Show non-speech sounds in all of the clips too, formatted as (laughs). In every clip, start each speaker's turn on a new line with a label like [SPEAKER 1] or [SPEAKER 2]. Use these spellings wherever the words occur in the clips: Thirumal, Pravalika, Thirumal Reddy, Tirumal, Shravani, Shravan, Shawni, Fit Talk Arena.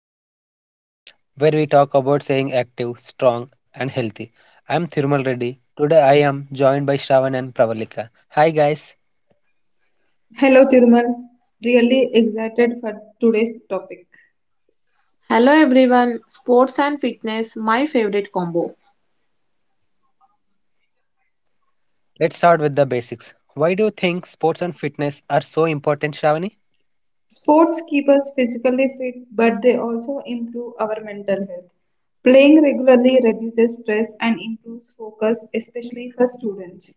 [SPEAKER 1] Fit Talk Arena, where we talk about staying active, strong, and healthy. I'm Thirumal Reddy. Today I am joined by Shravan and Pravalika. Hi guys.
[SPEAKER 2] Hello Thirumal, really excited for today's topic.
[SPEAKER 3] Hello everyone, sports and fitness, my favorite combo.
[SPEAKER 1] Let's start with the basics. Why do you think sports and fitness are so important, Shravani?
[SPEAKER 2] Sports keep us physically fit, but they also improve our mental health. Playing regularly reduces stress and improves focus, especially for students.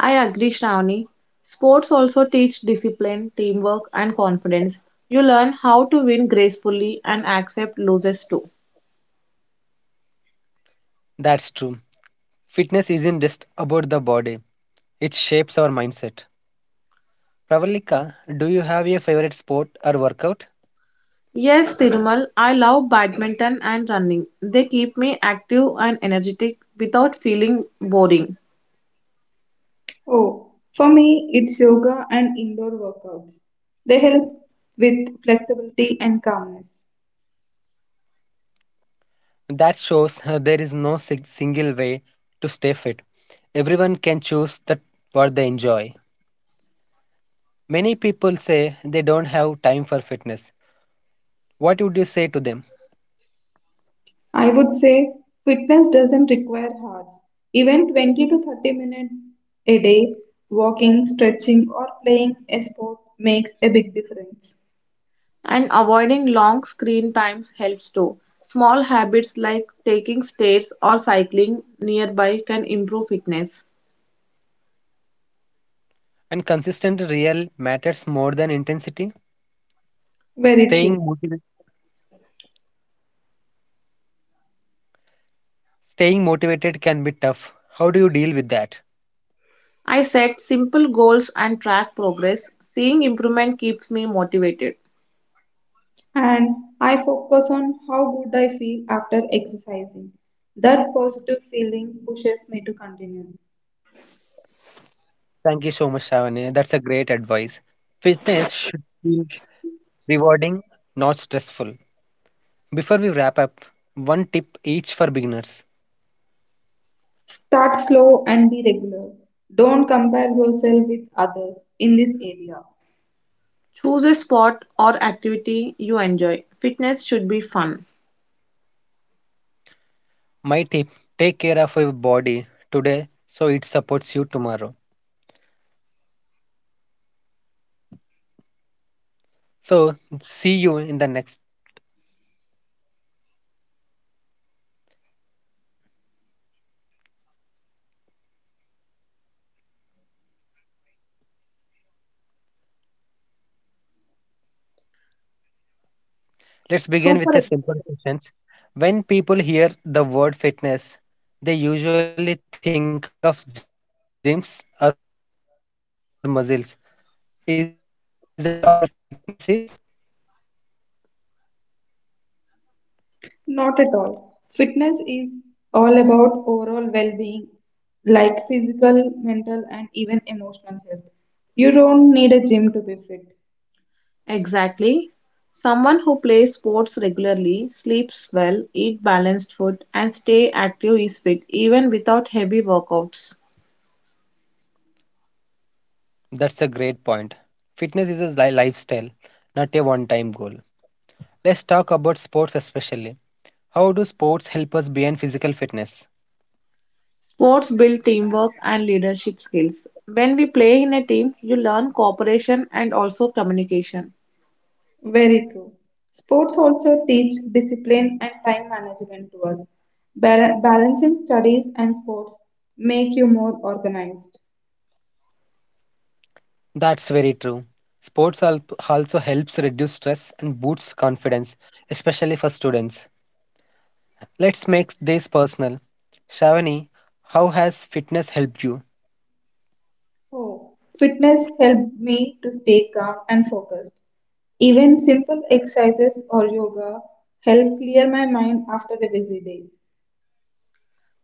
[SPEAKER 3] I agree, Shravani. Sports also teach discipline, teamwork, and confidence. You learn how to win gracefully and accept losses too.
[SPEAKER 1] That's true. Fitness isn't just about the body. It shapes our mindset. Pravalika, do you have your favorite sport or workout?
[SPEAKER 3] Yes, Tirumal, I love badminton and running. They keep me active and energetic without feeling boring.
[SPEAKER 2] Oh, for me, it's yoga and indoor workouts. They help with flexibility and calmness.
[SPEAKER 1] That shows (laughs) there is no sig- single way to stay fit. Everyone can choose that what they enjoy. Many people say they don't have time for fitness. What would you say to them?
[SPEAKER 2] I would say fitness doesn't require hours. Even 20 to 30 minutes a day, walking, stretching, or playing a sport makes a big difference.
[SPEAKER 3] And avoiding long screen times helps too. Small habits like taking stairs or cycling nearby can improve fitness.
[SPEAKER 1] And consistent real matters more than intensity.
[SPEAKER 2] Very true.
[SPEAKER 1] Staying motivated, staying motivated can be tough. How do you deal with that?
[SPEAKER 3] I set simple goals and track progress. Seeing improvement keeps me motivated.
[SPEAKER 2] And I focus on how good I feel after exercising. That positive feeling pushes me to continue.
[SPEAKER 1] Thank you so much, Shavani. That's a great advice. Fitness should feel rewarding, not stressful. Before we wrap up, one tip each for beginners.
[SPEAKER 2] Start slow and be regular. Don't compare yourself with others in this area.
[SPEAKER 3] Choose a sport or activity you enjoy. Fitness should be fun.
[SPEAKER 1] My tip, take care of your body today so it supports you tomorrow. So, see you in the next. Let's begin with
[SPEAKER 3] Super.
[SPEAKER 1] a simple questions. When people hear the word fitness, they usually think of gyms or muscles. Is that all fitness is?
[SPEAKER 2] Not at all. Fitness is all about overall well being, like physical, mental, and even emotional health. You don't need a gym to be fit.
[SPEAKER 3] Exactly. Someone who plays sports regularly, sleeps well, eat balanced food, and stay active is fit even without heavy workouts.
[SPEAKER 1] That's a great point. Fitness is a lifestyle, not a one time goal. Let's talk about sports especially. How do sports help us beyond physical fitness?
[SPEAKER 3] Sports build teamwork and leadership skills. When we play in a team, you learn cooperation and also communication.
[SPEAKER 2] Very true. Sports also teach discipline and time management to us. Balancing studies and sports make you more organized.
[SPEAKER 1] That's very true. Sports al- also helps reduce stress and boosts confidence, especially for students. Let's make this personal. Shavani, how has fitness helped you?
[SPEAKER 2] Oh, fitness helped me to stay calm and focused. Even simple exercises or yoga help clear my mind after a busy day.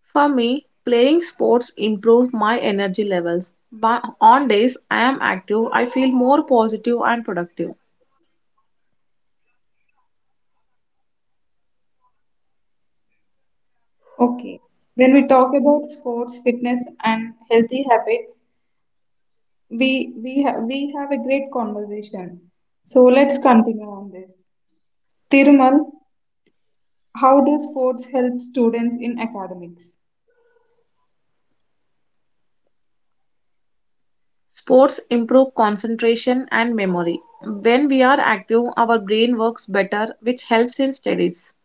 [SPEAKER 3] For me, playing sports improves my energy levels. But on days I am active, I feel more positive and productive.
[SPEAKER 2] Okay. When we talk about sports, fitness, and healthy habits, we have a great conversation. So let's continue on this. Tirumal, how do sports help students in academics?
[SPEAKER 3] Sports improve concentration and memory. When we are active, our brain works better, which helps in studies.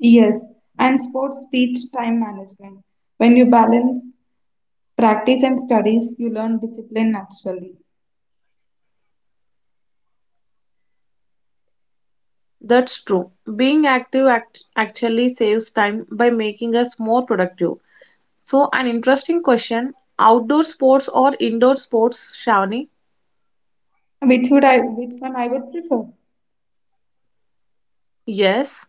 [SPEAKER 2] Yes, and sports teach time management. When you balance practice and studies, you learn discipline naturally.
[SPEAKER 3] That's true. Being actually saves time by making us more productive. So, an interesting question, outdoor sports or indoor sports, Shawni?
[SPEAKER 2] Which would I? Which one I would prefer?
[SPEAKER 3] Yes.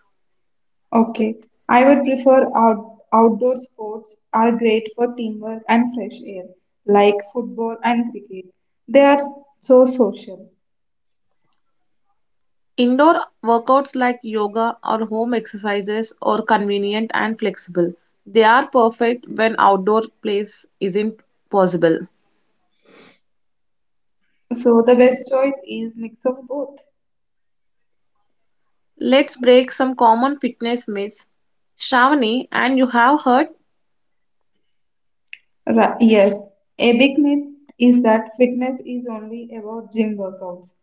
[SPEAKER 2] Okay, I would prefer outdoor sports are great for teamwork and fresh air, like football and cricket. They are so social.
[SPEAKER 3] Indoor workouts like yoga or home exercises are convenient and flexible. They are perfect when outdoor place isn't possible.
[SPEAKER 2] So the best choice is mix of both.
[SPEAKER 3] Let's break some common fitness myths. Shravani, and you have heard
[SPEAKER 2] Yes, a big myth is that fitness is only about gym workouts.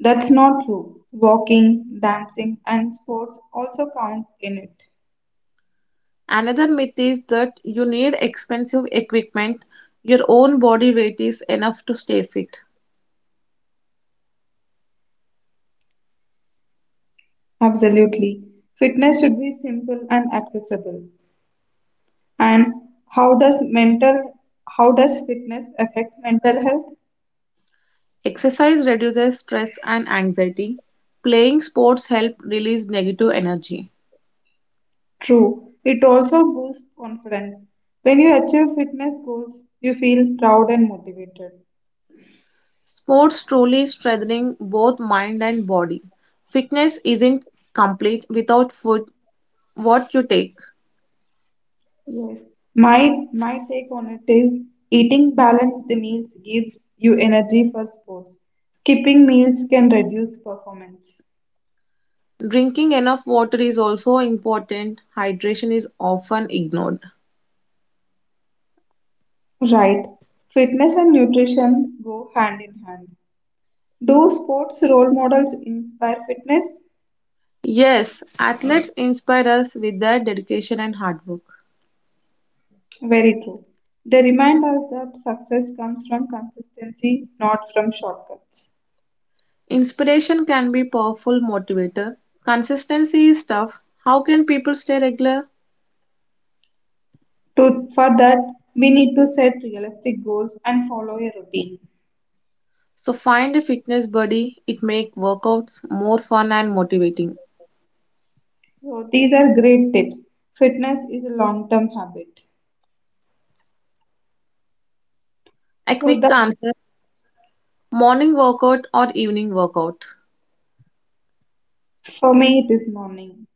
[SPEAKER 2] That's not true. Walking, dancing, and sports also count in it.
[SPEAKER 3] another myth is that you need expensive equipment. Your own body weight is enough to stay fit.
[SPEAKER 2] Absolutely. Fitness should be simple and accessible. And how does mental how does fitness affect mental health?
[SPEAKER 3] Exercise reduces stress and anxiety. Playing sports help release negative energy.
[SPEAKER 2] True, it also boosts confidence. When you achieve fitness goals, you feel proud and motivated.
[SPEAKER 3] Sports truly strengthening both mind and body. Fitness isn't complete without food, what you take.
[SPEAKER 2] Yes, my take on it is eating balanced meals gives you energy for sports. Skipping meals can reduce performance.
[SPEAKER 3] Drinking enough water is also important. Hydration is often ignored.
[SPEAKER 2] Right, fitness and nutrition go hand in hand. Do sports role models inspire fitness?
[SPEAKER 3] Yes, athletes inspire us with their dedication and hard work.
[SPEAKER 2] Very true. They remind us that success comes from consistency, not from shortcuts.
[SPEAKER 3] Inspiration can be powerful motivator. Consistency is tough. How can people stay regular?
[SPEAKER 2] For that, we need to set realistic goals and follow a routine.
[SPEAKER 3] So find a fitness buddy. It make workouts more fun and motivating.
[SPEAKER 2] So these are great tips. Fitness is a long-term habit.
[SPEAKER 3] A
[SPEAKER 2] So
[SPEAKER 3] quick
[SPEAKER 2] that,
[SPEAKER 3] answer, morning workout or evening workout.
[SPEAKER 2] for me, it is morning.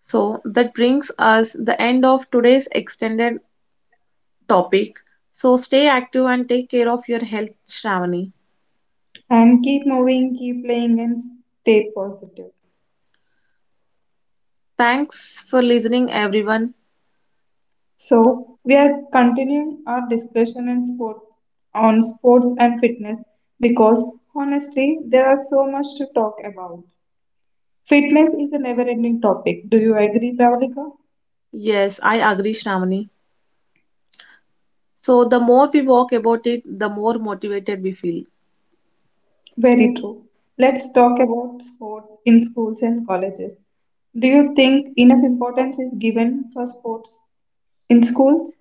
[SPEAKER 3] So that brings us the end of today's extended topic. So stay active and take care of your health, Shravani.
[SPEAKER 2] And keep moving, keep playing, and stay positive.
[SPEAKER 3] Thanks for listening, everyone.
[SPEAKER 2] So we are continuing our discussion in sport on sports and fitness because honestly there are so much to talk about. Fitness is a never ending topic. Do you agree, Pravalika?
[SPEAKER 3] Yes, I agree, Shravani. So the more we walk about it, the more motivated we feel.
[SPEAKER 2] Very true. Let's talk about sports in schools and colleges. Do you think enough importance is given for sports in schools?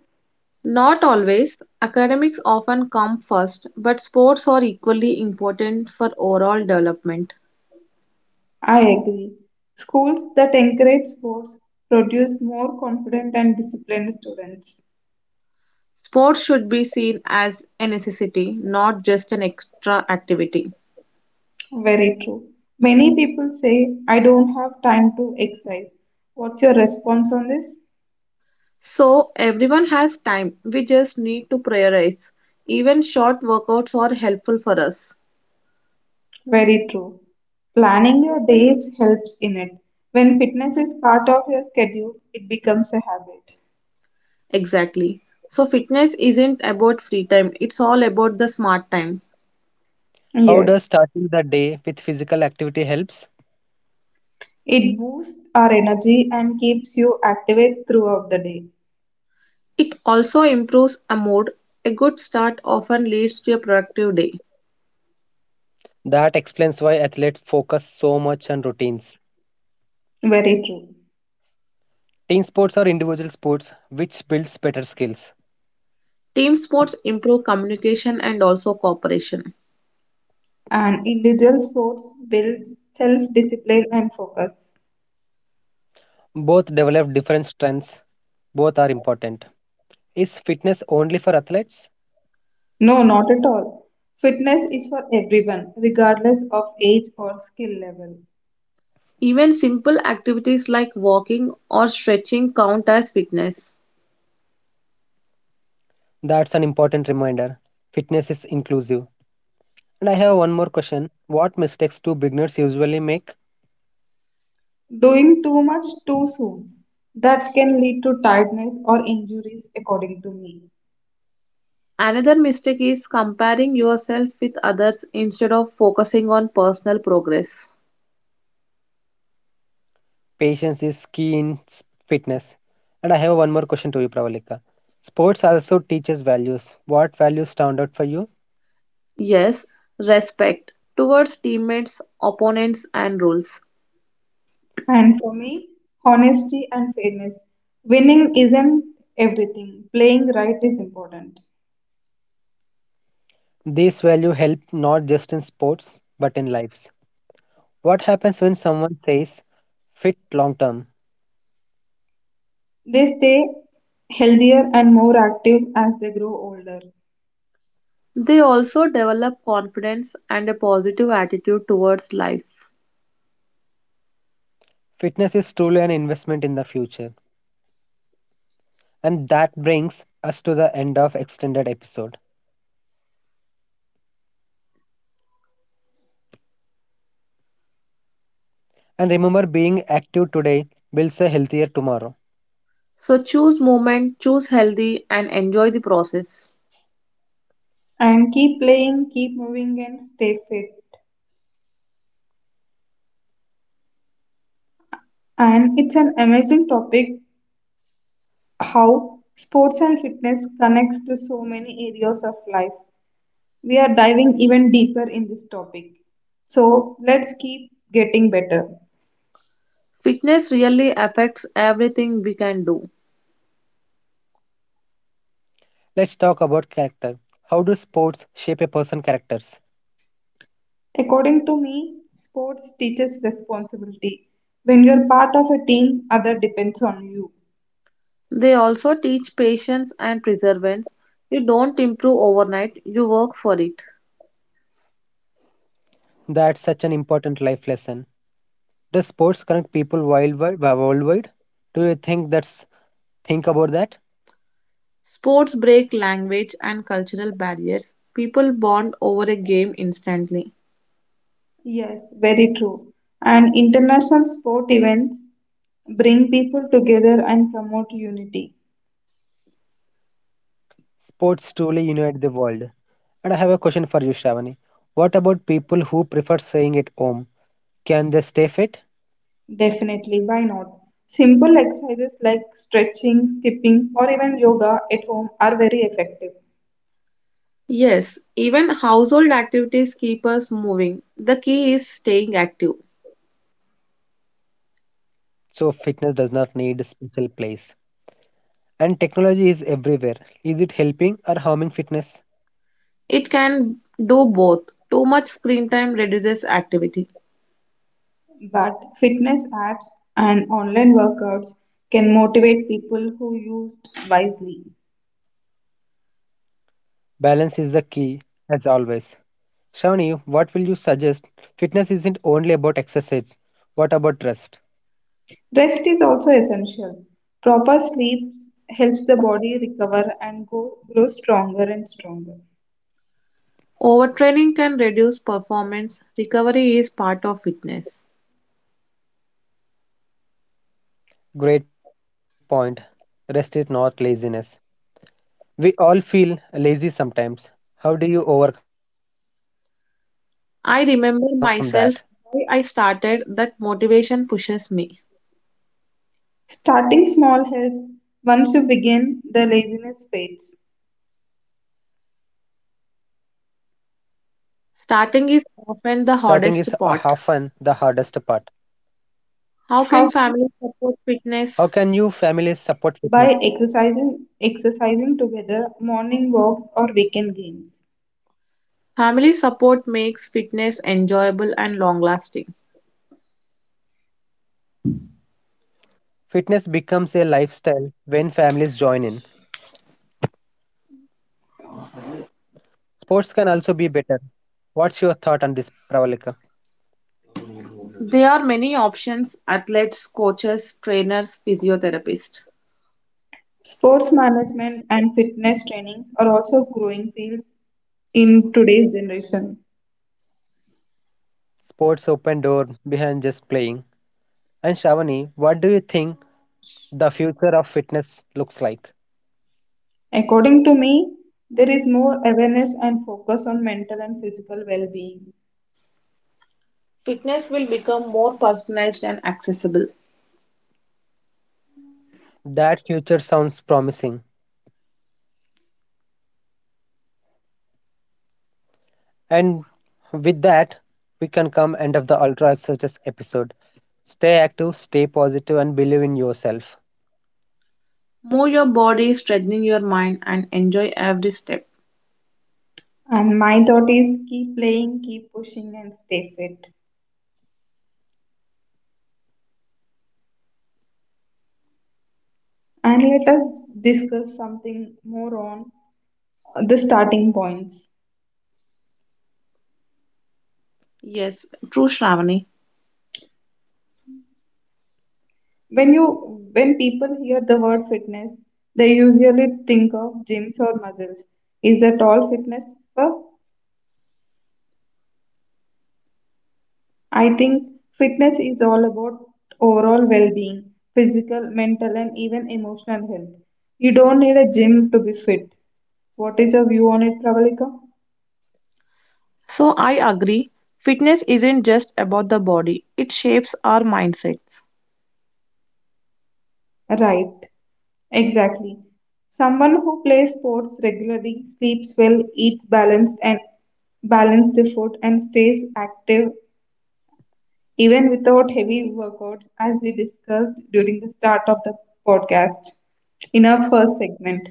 [SPEAKER 3] Not always. Academics often come first, but sports are equally important for overall development.
[SPEAKER 2] I agree. Schools that encourage sports produce more confident and disciplined students.
[SPEAKER 3] Sports should be seen as a necessity, not just an extra activity.
[SPEAKER 2] Very true. Many people say, I don't have time to exercise. What's your response on this?
[SPEAKER 3] So everyone has time. We just need to prioritize. Even short workouts are helpful for us.
[SPEAKER 2] Very true. Planning your days helps in it. When fitness is part of your schedule, it becomes a habit.
[SPEAKER 3] Exactly. So fitness isn't about free time. It's all about the smart time.
[SPEAKER 1] How
[SPEAKER 2] Yes,
[SPEAKER 1] does starting the day with physical activity helps?
[SPEAKER 2] it boosts our energy and keeps you active throughout the day.
[SPEAKER 3] It also improves a mood. A good start often leads to a productive day.
[SPEAKER 1] That explains why athletes focus so much on routines.
[SPEAKER 2] Very true.
[SPEAKER 1] Team sports are individual sports which builds better skills.
[SPEAKER 3] Team sports improve communication and also cooperation.
[SPEAKER 2] And individual sports builds self-discipline and focus.
[SPEAKER 1] Both develop different strengths. Both are important. Is fitness only for athletes?
[SPEAKER 2] No, not at all. Fitness is for everyone, regardless of age or skill level.
[SPEAKER 3] Even simple activities like walking or stretching count as fitness.
[SPEAKER 1] That's an important reminder. Fitness is inclusive. And I have one more question. What mistakes do beginners usually make?
[SPEAKER 2] Doing too much too soon, that can lead to tiredness or injuries, according to me.
[SPEAKER 3] Another mistake is comparing yourself with others instead of focusing on personal progress.
[SPEAKER 1] Patience is key in fitness. And I have one more question to you, Pravalika. Sports also teaches values. What values stand out for you?
[SPEAKER 3] Yes, respect towards teammates, opponents, and rules.
[SPEAKER 2] And for me, honesty and fairness. Winning isn't everything, playing right is important.
[SPEAKER 1] These values help not just in sports but in lives. What happens when someone says fit long term?
[SPEAKER 2] They stay healthier and more active as they grow older.
[SPEAKER 3] They also develop confidence and a positive attitude towards life.
[SPEAKER 1] Fitness is truly an investment in the future. And that brings us to the end of extended episode. And remember being active today builds a healthier tomorrow.
[SPEAKER 3] So choose movement, choose healthy, and enjoy the process.
[SPEAKER 2] And keep playing, keep moving, and stay fit. And it's an amazing topic how sports and fitness connects to so many areas of life. We are diving even deeper in this topic. So let's keep getting better.
[SPEAKER 3] Fitness really affects everything we can do.
[SPEAKER 1] Let's talk about character. How do sports shape a person's characters?
[SPEAKER 2] According to me, sports teaches responsibility. When you're part of a team, other depends on you.
[SPEAKER 3] They also teach patience and perseverance. You don't improve overnight, you work for it.
[SPEAKER 1] That's such an important life lesson. Does sports connect people worldwide? Do you think that's think about that?
[SPEAKER 3] Sports break language and cultural barriers. People bond over a game instantly.
[SPEAKER 2] Yes, very true. And international sport events bring people together and promote unity.
[SPEAKER 1] Sports truly unite the world. And I have a question for you, Shravani. What about people who prefer staying at home? Can they stay fit?
[SPEAKER 2] Definitely, why not? Simple exercises like stretching, skipping, or even yoga at home are very effective.
[SPEAKER 3] Yes, even household activities keep us moving. The key is staying active.
[SPEAKER 1] So fitness does not need a special place. And technology is everywhere. Is it helping or harming fitness?
[SPEAKER 3] It can do both. Too much screen time reduces activity.
[SPEAKER 2] But fitness apps and online workouts can motivate people who used wisely.
[SPEAKER 1] Balance is the key, as always. Shravani, what will you suggest? Fitness isn't only about exercise. What about rest?
[SPEAKER 2] Rest is also essential. Proper sleep helps the body recover and grow stronger and stronger.
[SPEAKER 3] Overtraining can reduce performance. Recovery is part of fitness.
[SPEAKER 1] Great point. Rest is not laziness. We all feel lazy sometimes. How do you overcome that?
[SPEAKER 3] I remember myself why I started, that motivation pushes me.
[SPEAKER 2] Starting small helps. Once you begin, the laziness fades.
[SPEAKER 1] Starting is
[SPEAKER 3] Starting is
[SPEAKER 1] often
[SPEAKER 3] often the
[SPEAKER 1] the
[SPEAKER 3] hardest
[SPEAKER 1] hardest part.
[SPEAKER 3] part. How
[SPEAKER 2] How
[SPEAKER 3] can
[SPEAKER 2] to?
[SPEAKER 3] family
[SPEAKER 1] How
[SPEAKER 3] support
[SPEAKER 1] can you
[SPEAKER 3] fitness?
[SPEAKER 1] families support fitness?
[SPEAKER 2] By exercising together, morning walks or weekend games.
[SPEAKER 3] Family support makes fitness enjoyable and long lasting.
[SPEAKER 1] Fitness becomes a lifestyle when families join in. Sports can also be better. What's your thought on this, Pravalika?
[SPEAKER 3] There are many options, athletes, coaches, trainers, physiotherapists.
[SPEAKER 2] Sports management and fitness trainings are also growing fields in today's generation.
[SPEAKER 1] Sports open door behind just playing. And Shavani, what do you think the future of fitness looks like?
[SPEAKER 2] According to me, there is more awareness and focus on mental and physical well being.
[SPEAKER 3] Fitness will become more personalized and accessible.
[SPEAKER 1] That future sounds promising. And with that, we can come end of the Ultra Exercise episode. Stay active, stay positive, and believe in yourself.
[SPEAKER 3] Move your body, strengthen your mind, and enjoy every step.
[SPEAKER 2] And my thought is keep playing, keep pushing, and stay fit. And let us discuss something more on the starting points.
[SPEAKER 3] Yes, true, Shravani.
[SPEAKER 2] When people hear the word fitness, they usually think of gyms or muscles. Is that all fitness? For? I think fitness is all about overall well-being, physical, mental, and even emotional health. You don't need a gym to be fit. What is your view on it, Pravalika?
[SPEAKER 3] So, I agree. Fitness isn't just about the body, it shapes our mindsets.
[SPEAKER 2] Right. Exactly. Someone who plays sports regularly, sleeps well, eats balanced food and stays active even without heavy workouts, as we discussed during the start of the podcast in our first segment.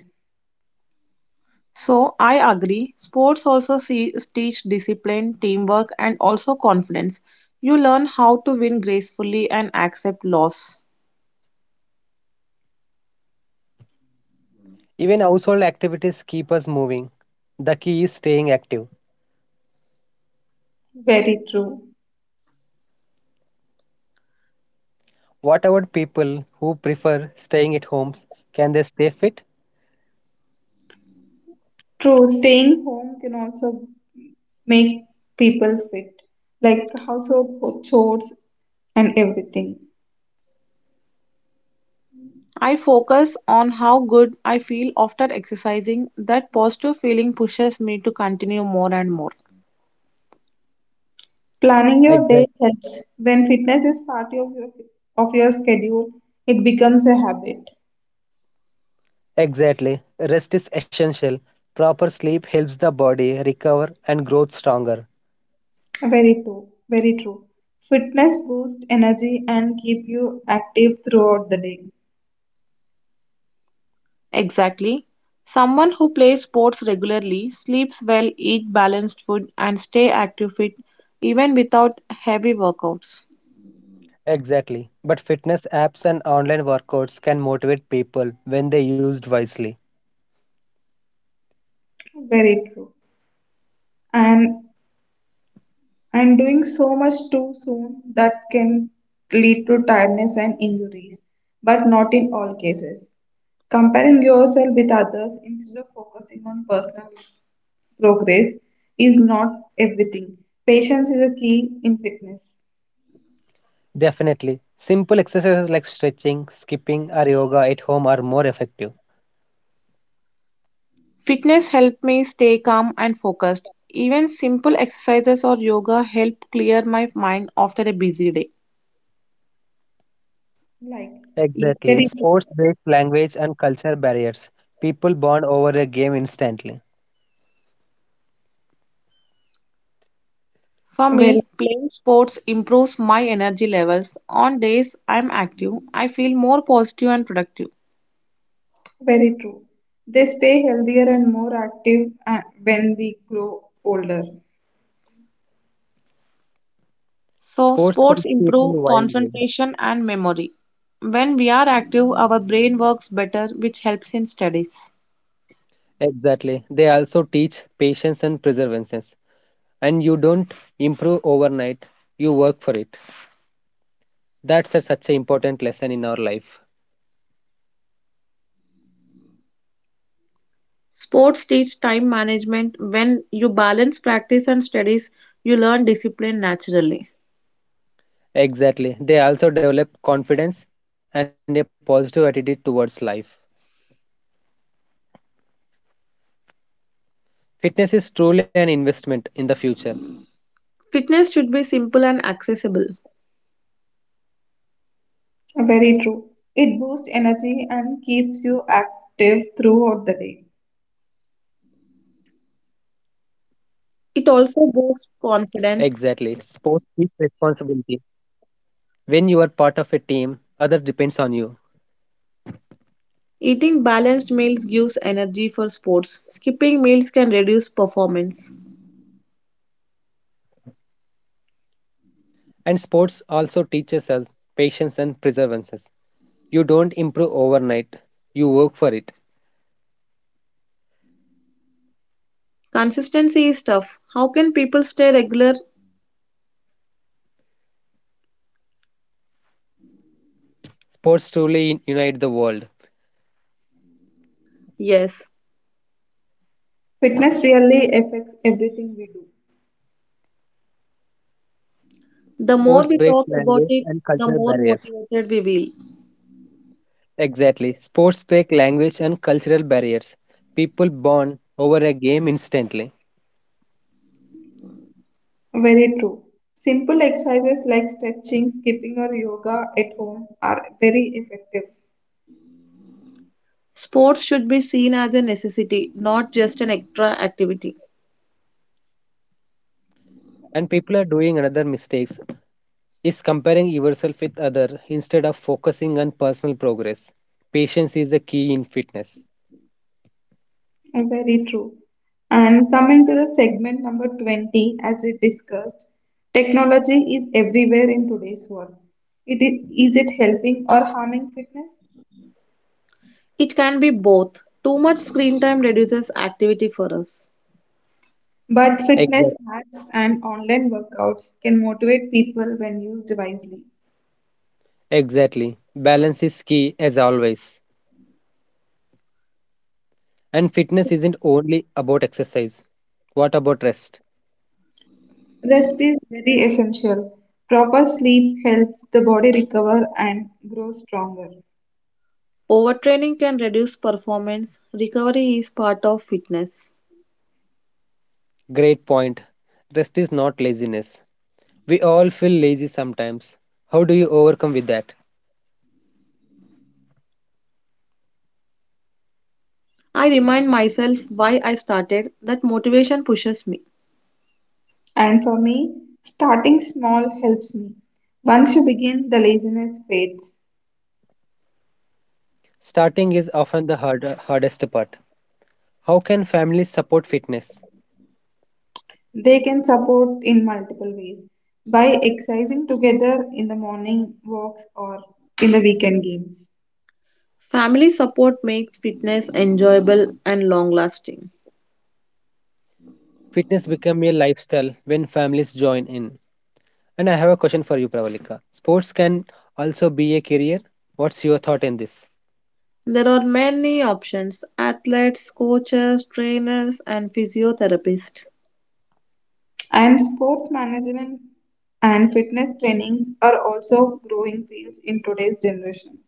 [SPEAKER 3] So I agree. Sports also teach discipline, teamwork, and also confidence. You learn how to win gracefully and accept loss.
[SPEAKER 1] Even household activities keep us moving. The key is staying active.
[SPEAKER 2] Very true.
[SPEAKER 1] What about people who prefer staying at homes? Can they stay fit?
[SPEAKER 2] True, staying home can also make people fit, like household chores and everything.
[SPEAKER 3] I focus on how good I feel after exercising. That positive feeling pushes me to continue more and more.
[SPEAKER 2] Planning your
[SPEAKER 1] Exactly.
[SPEAKER 2] day helps. When fitness is part of your schedule, it becomes a habit.
[SPEAKER 1] Exactly. Rest is essential. Proper sleep helps the body recover and grow stronger.
[SPEAKER 2] Very true. Very true. Fitness boosts energy and keep you active throughout the day.
[SPEAKER 3] Exactly. Someone who plays sports regularly sleeps well, eat balanced food, and stay active fit even without heavy workouts.
[SPEAKER 1] Exactly. But fitness apps and online workouts can motivate people when they used wisely.
[SPEAKER 2] Very true. And and doing so much too soon, that can lead to tiredness and injuries, but not in all cases. Comparing yourself with others instead of focusing on personal progress is not everything. Patience is a key in fitness.
[SPEAKER 1] Definitely. Simple exercises like stretching, skipping, or yoga at home are more effective.
[SPEAKER 3] Fitness helped me stay calm and focused. Even simple exercises or yoga help clear my mind after a busy day.
[SPEAKER 2] Like,
[SPEAKER 1] Exactly.
[SPEAKER 2] very true,
[SPEAKER 1] Sports break language and culture barriers. People bond over a game instantly.
[SPEAKER 3] For
[SPEAKER 2] very,
[SPEAKER 3] me, playing sports improves my energy levels. On days I'm active, I feel more positive and productive.
[SPEAKER 2] very true. They stay healthier and more active when we grow older.
[SPEAKER 3] So,
[SPEAKER 1] Sports
[SPEAKER 3] sports
[SPEAKER 1] help people
[SPEAKER 3] improve
[SPEAKER 1] worldwide.
[SPEAKER 3] concentration and memory. When we are active, our brain works better, which helps in studies.
[SPEAKER 1] Exactly. They also teach patience and perseverance. And you don't improve overnight, you work for it. Such an important lesson in our life.
[SPEAKER 3] Sports teach time management. When you balance practice and studies, you learn discipline naturally.
[SPEAKER 1] Exactly. They also develop confidence and a positive attitude towards life. Fitness is truly an investment in the future.
[SPEAKER 3] Fitness should be simple and accessible.
[SPEAKER 2] Very true. It boosts energy and keeps you active throughout the day.
[SPEAKER 3] It also boosts
[SPEAKER 1] Exactly. Sports
[SPEAKER 3] confidence.
[SPEAKER 1] is responsibility. When you are part of a team, others depends on you.
[SPEAKER 3] Eating balanced meals gives energy for sports. Skipping meals can reduce performance.
[SPEAKER 1] And sports also teaches us patience and perseverance. You don't improve overnight. You work for it.
[SPEAKER 3] Consistency is tough. How can people stay regular?
[SPEAKER 1] Sports truly unite the world.
[SPEAKER 3] Yes.
[SPEAKER 2] Fitness really affects everything we do.
[SPEAKER 3] The more
[SPEAKER 1] Sports
[SPEAKER 3] we
[SPEAKER 1] break
[SPEAKER 3] talk about
[SPEAKER 1] language
[SPEAKER 3] it,
[SPEAKER 1] and
[SPEAKER 3] the
[SPEAKER 1] cultural
[SPEAKER 3] more
[SPEAKER 1] barriers.
[SPEAKER 3] motivated we will.
[SPEAKER 1] Exactly. Sports break language and cultural barriers. People bond over a game instantly.
[SPEAKER 2] Very true. Simple exercises like stretching, skipping, or yoga at home are very effective.
[SPEAKER 3] Sports should be seen as a necessity, not just an extra activity.
[SPEAKER 1] And people are doing another mistakes is comparing yourself with other instead of focusing on personal progress. Patience is the key in fitness.
[SPEAKER 2] Very true. And coming to the segment number 20, as we discussed, technology is everywhere in today's world. Is it helping or harming fitness?
[SPEAKER 3] It can be both. Too much screen time reduces activity for us.
[SPEAKER 2] But
[SPEAKER 1] Exactly.
[SPEAKER 2] fitness apps and online workouts can motivate people when used wisely.
[SPEAKER 1] Exactly. Balance is key as always. And fitness isn't only about exercise. What about rest?
[SPEAKER 2] Rest is very essential. Proper sleep helps the body recover and grow stronger.
[SPEAKER 3] Overtraining can reduce performance. Recovery is part of fitness.
[SPEAKER 1] Great point. Rest is not laziness. We all feel lazy sometimes. How do you overcome with that?
[SPEAKER 3] I remind myself why I started, that motivation pushes me.
[SPEAKER 2] And for me, starting small helps me. Once you begin, the laziness fades.
[SPEAKER 1] Starting is often the hardest part. How can families support fitness?
[SPEAKER 2] They can support in multiple ways by exercising together in the morning walks or in the weekend games.
[SPEAKER 3] Family support makes fitness enjoyable and long lasting.
[SPEAKER 1] Fitness become a lifestyle when families join in. And I have a question for you, Pravalika. Sports can also be a career. What's your thought in this?
[SPEAKER 3] There are many options, athletes, coaches, trainers, and physiotherapists.
[SPEAKER 2] And sports management and fitness trainings are also growing fields in today's generation.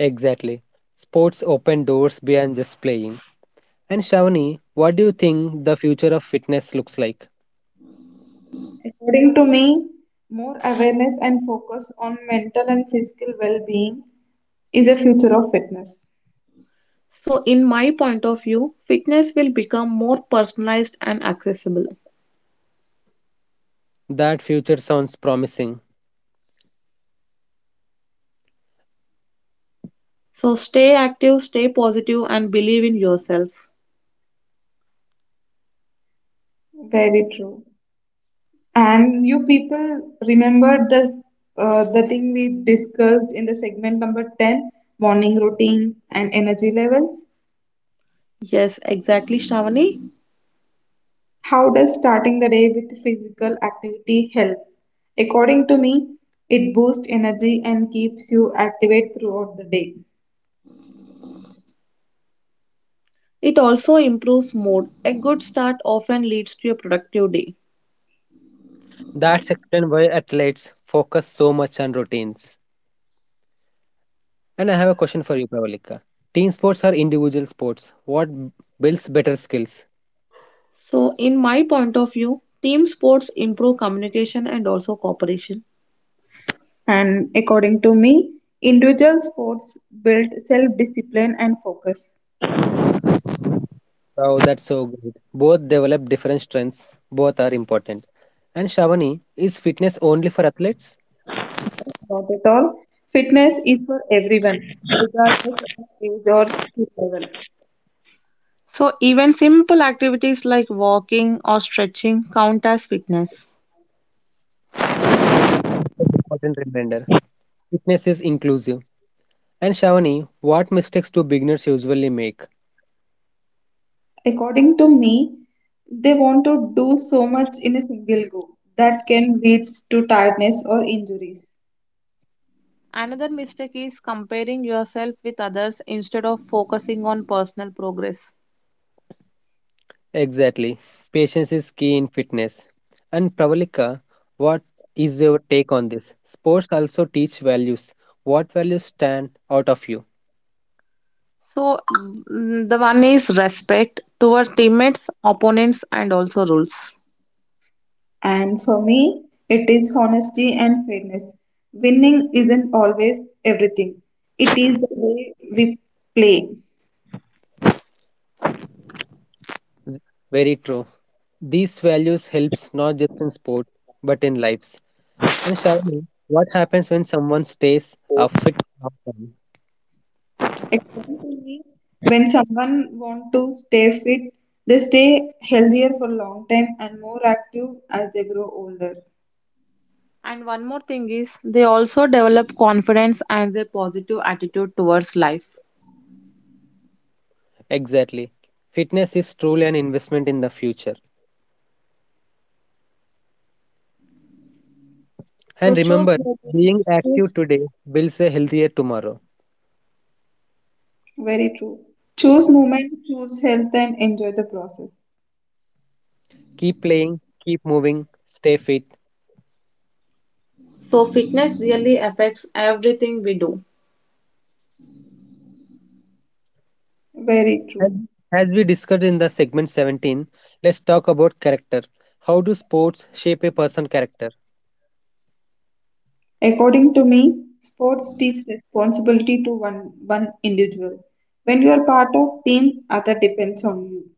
[SPEAKER 1] Exactly. Sports open doors beyond just playing. And Shavani, what do you think the future of fitness looks like?
[SPEAKER 2] According to me, more awareness and focus on mental and physical well being is a future of fitness.
[SPEAKER 3] So, in my point of view, fitness will become more personalized and accessible.
[SPEAKER 1] That future sounds promising.
[SPEAKER 3] So, stay active, stay positive, and believe in yourself.
[SPEAKER 2] Very true. And you people remember this, the thing we discussed in the segment number 10, morning routines and energy levels.
[SPEAKER 3] Yes, exactly, Shravani.
[SPEAKER 2] How does starting the day with physical activity help? According to me, it boosts energy and keeps you activate throughout the day.
[SPEAKER 3] It also improves mood. A good start often leads to a productive day.
[SPEAKER 1] That's explain why athletes focus so much on routines. And I have a question for you, Pravalika. Team sports are individual sports. What builds better skills?
[SPEAKER 3] So, in my point of view, team sports improve communication and also cooperation.
[SPEAKER 2] And according to me, individual sports build self discipline and focus.
[SPEAKER 1] Wow, that's so great. Both develop different strengths. Both are important. And Shravani, is fitness only for athletes?
[SPEAKER 2] Not at all. Fitness is for everyone, regardless of age or skill level.
[SPEAKER 3] So, even simple activities like walking or stretching count as fitness.
[SPEAKER 1] That's an important reminder. Fitness is inclusive. And Shravani, what mistakes do beginners usually make?
[SPEAKER 2] According to me, they want to do so much in a single go that can lead to tiredness or injuries.
[SPEAKER 3] Another mistake is comparing yourself with others instead of focusing on personal progress.
[SPEAKER 1] Exactly. Patience is key in fitness. And Pravalika, what is your take on this? Sports also teach values. What values stand out of you?
[SPEAKER 3] So, the one is respect toward teammates, opponents, and also rules.
[SPEAKER 2] And for me, it is honesty and fairness. Winning isn't always everything, it is the way we play.
[SPEAKER 1] Very true. These values helps not just in sports but in lives. And Shravani, what happens when someone stays fit long term?
[SPEAKER 2] According to me, when someone want to stay fit, they stay healthier for a long time and more active as they grow older.
[SPEAKER 3] And one more thing is they also develop confidence and their positive attitude towards life.
[SPEAKER 1] Exactly. Fitness is truly an investment in the future.
[SPEAKER 3] So
[SPEAKER 1] And
[SPEAKER 3] choose
[SPEAKER 1] remember,
[SPEAKER 3] movement,
[SPEAKER 1] being
[SPEAKER 3] choose.
[SPEAKER 1] active today builds a healthier tomorrow.
[SPEAKER 2] Very true. Choose movement, choose health, and enjoy the process.
[SPEAKER 1] Keep playing, keep moving, stay fit.
[SPEAKER 3] So fitness really affects everything we do.
[SPEAKER 2] Very true.
[SPEAKER 1] And as we discussed in the segment 17, let's talk about character. How do sports shape a person character?
[SPEAKER 2] According to me, sports teach responsibility to one individual. When you are part of team, other depends on you.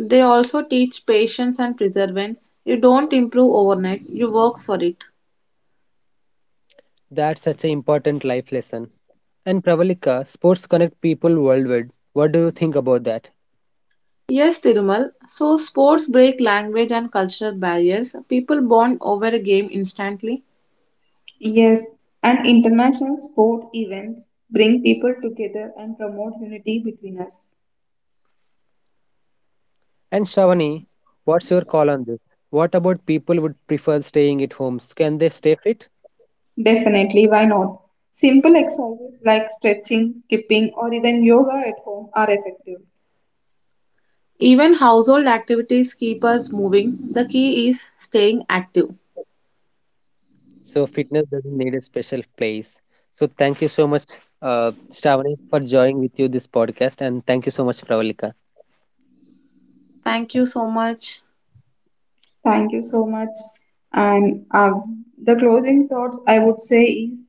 [SPEAKER 3] They also teach patience and perseverance. You don't improve overnight, you work for it.
[SPEAKER 1] That's such an important life lesson. And Pravalika, sports connect people worldwide. What do you think about that?
[SPEAKER 3] Yes, Tirumal. So sports break language and cultural barriers. People bond over a game instantly.
[SPEAKER 2] Yes, and international sport events bring people together and promote unity between us.
[SPEAKER 1] And Shravani, what's your call on this? What about people would prefer staying at homes? Can they stay fit?
[SPEAKER 2] Definitely, why not? Simple exercises like stretching, skipping, or even yoga at home are effective.
[SPEAKER 3] Even household activities keep us moving. The key is staying active.
[SPEAKER 1] So fitness doesn't need a special place. So thank you so much, Shravani, for joining with you this podcast, and thank you so much, Pravalika.
[SPEAKER 3] Thank you so much.
[SPEAKER 2] Thank you so much. And the closing thoughts I would say is,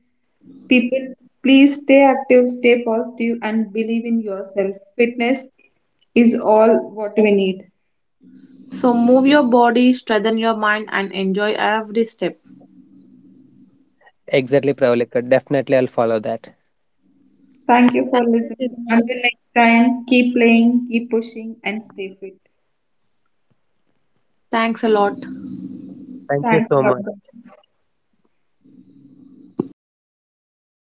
[SPEAKER 2] people, please stay active, stay positive, and believe in yourself. Fitness is all what we need.
[SPEAKER 3] So move your body, strengthen your mind, and enjoy every step.
[SPEAKER 1] Exactly, Pravalika. Definitely, I'll follow that.
[SPEAKER 2] Thank you for
[SPEAKER 3] Thank you,
[SPEAKER 2] listening.
[SPEAKER 3] Tirumal.
[SPEAKER 2] Until next time, keep playing, keep pushing, and stay fit.
[SPEAKER 3] Thanks a lot.
[SPEAKER 1] Thank you
[SPEAKER 2] Thanks
[SPEAKER 1] so
[SPEAKER 2] a lot,
[SPEAKER 1] much.
[SPEAKER 2] guys.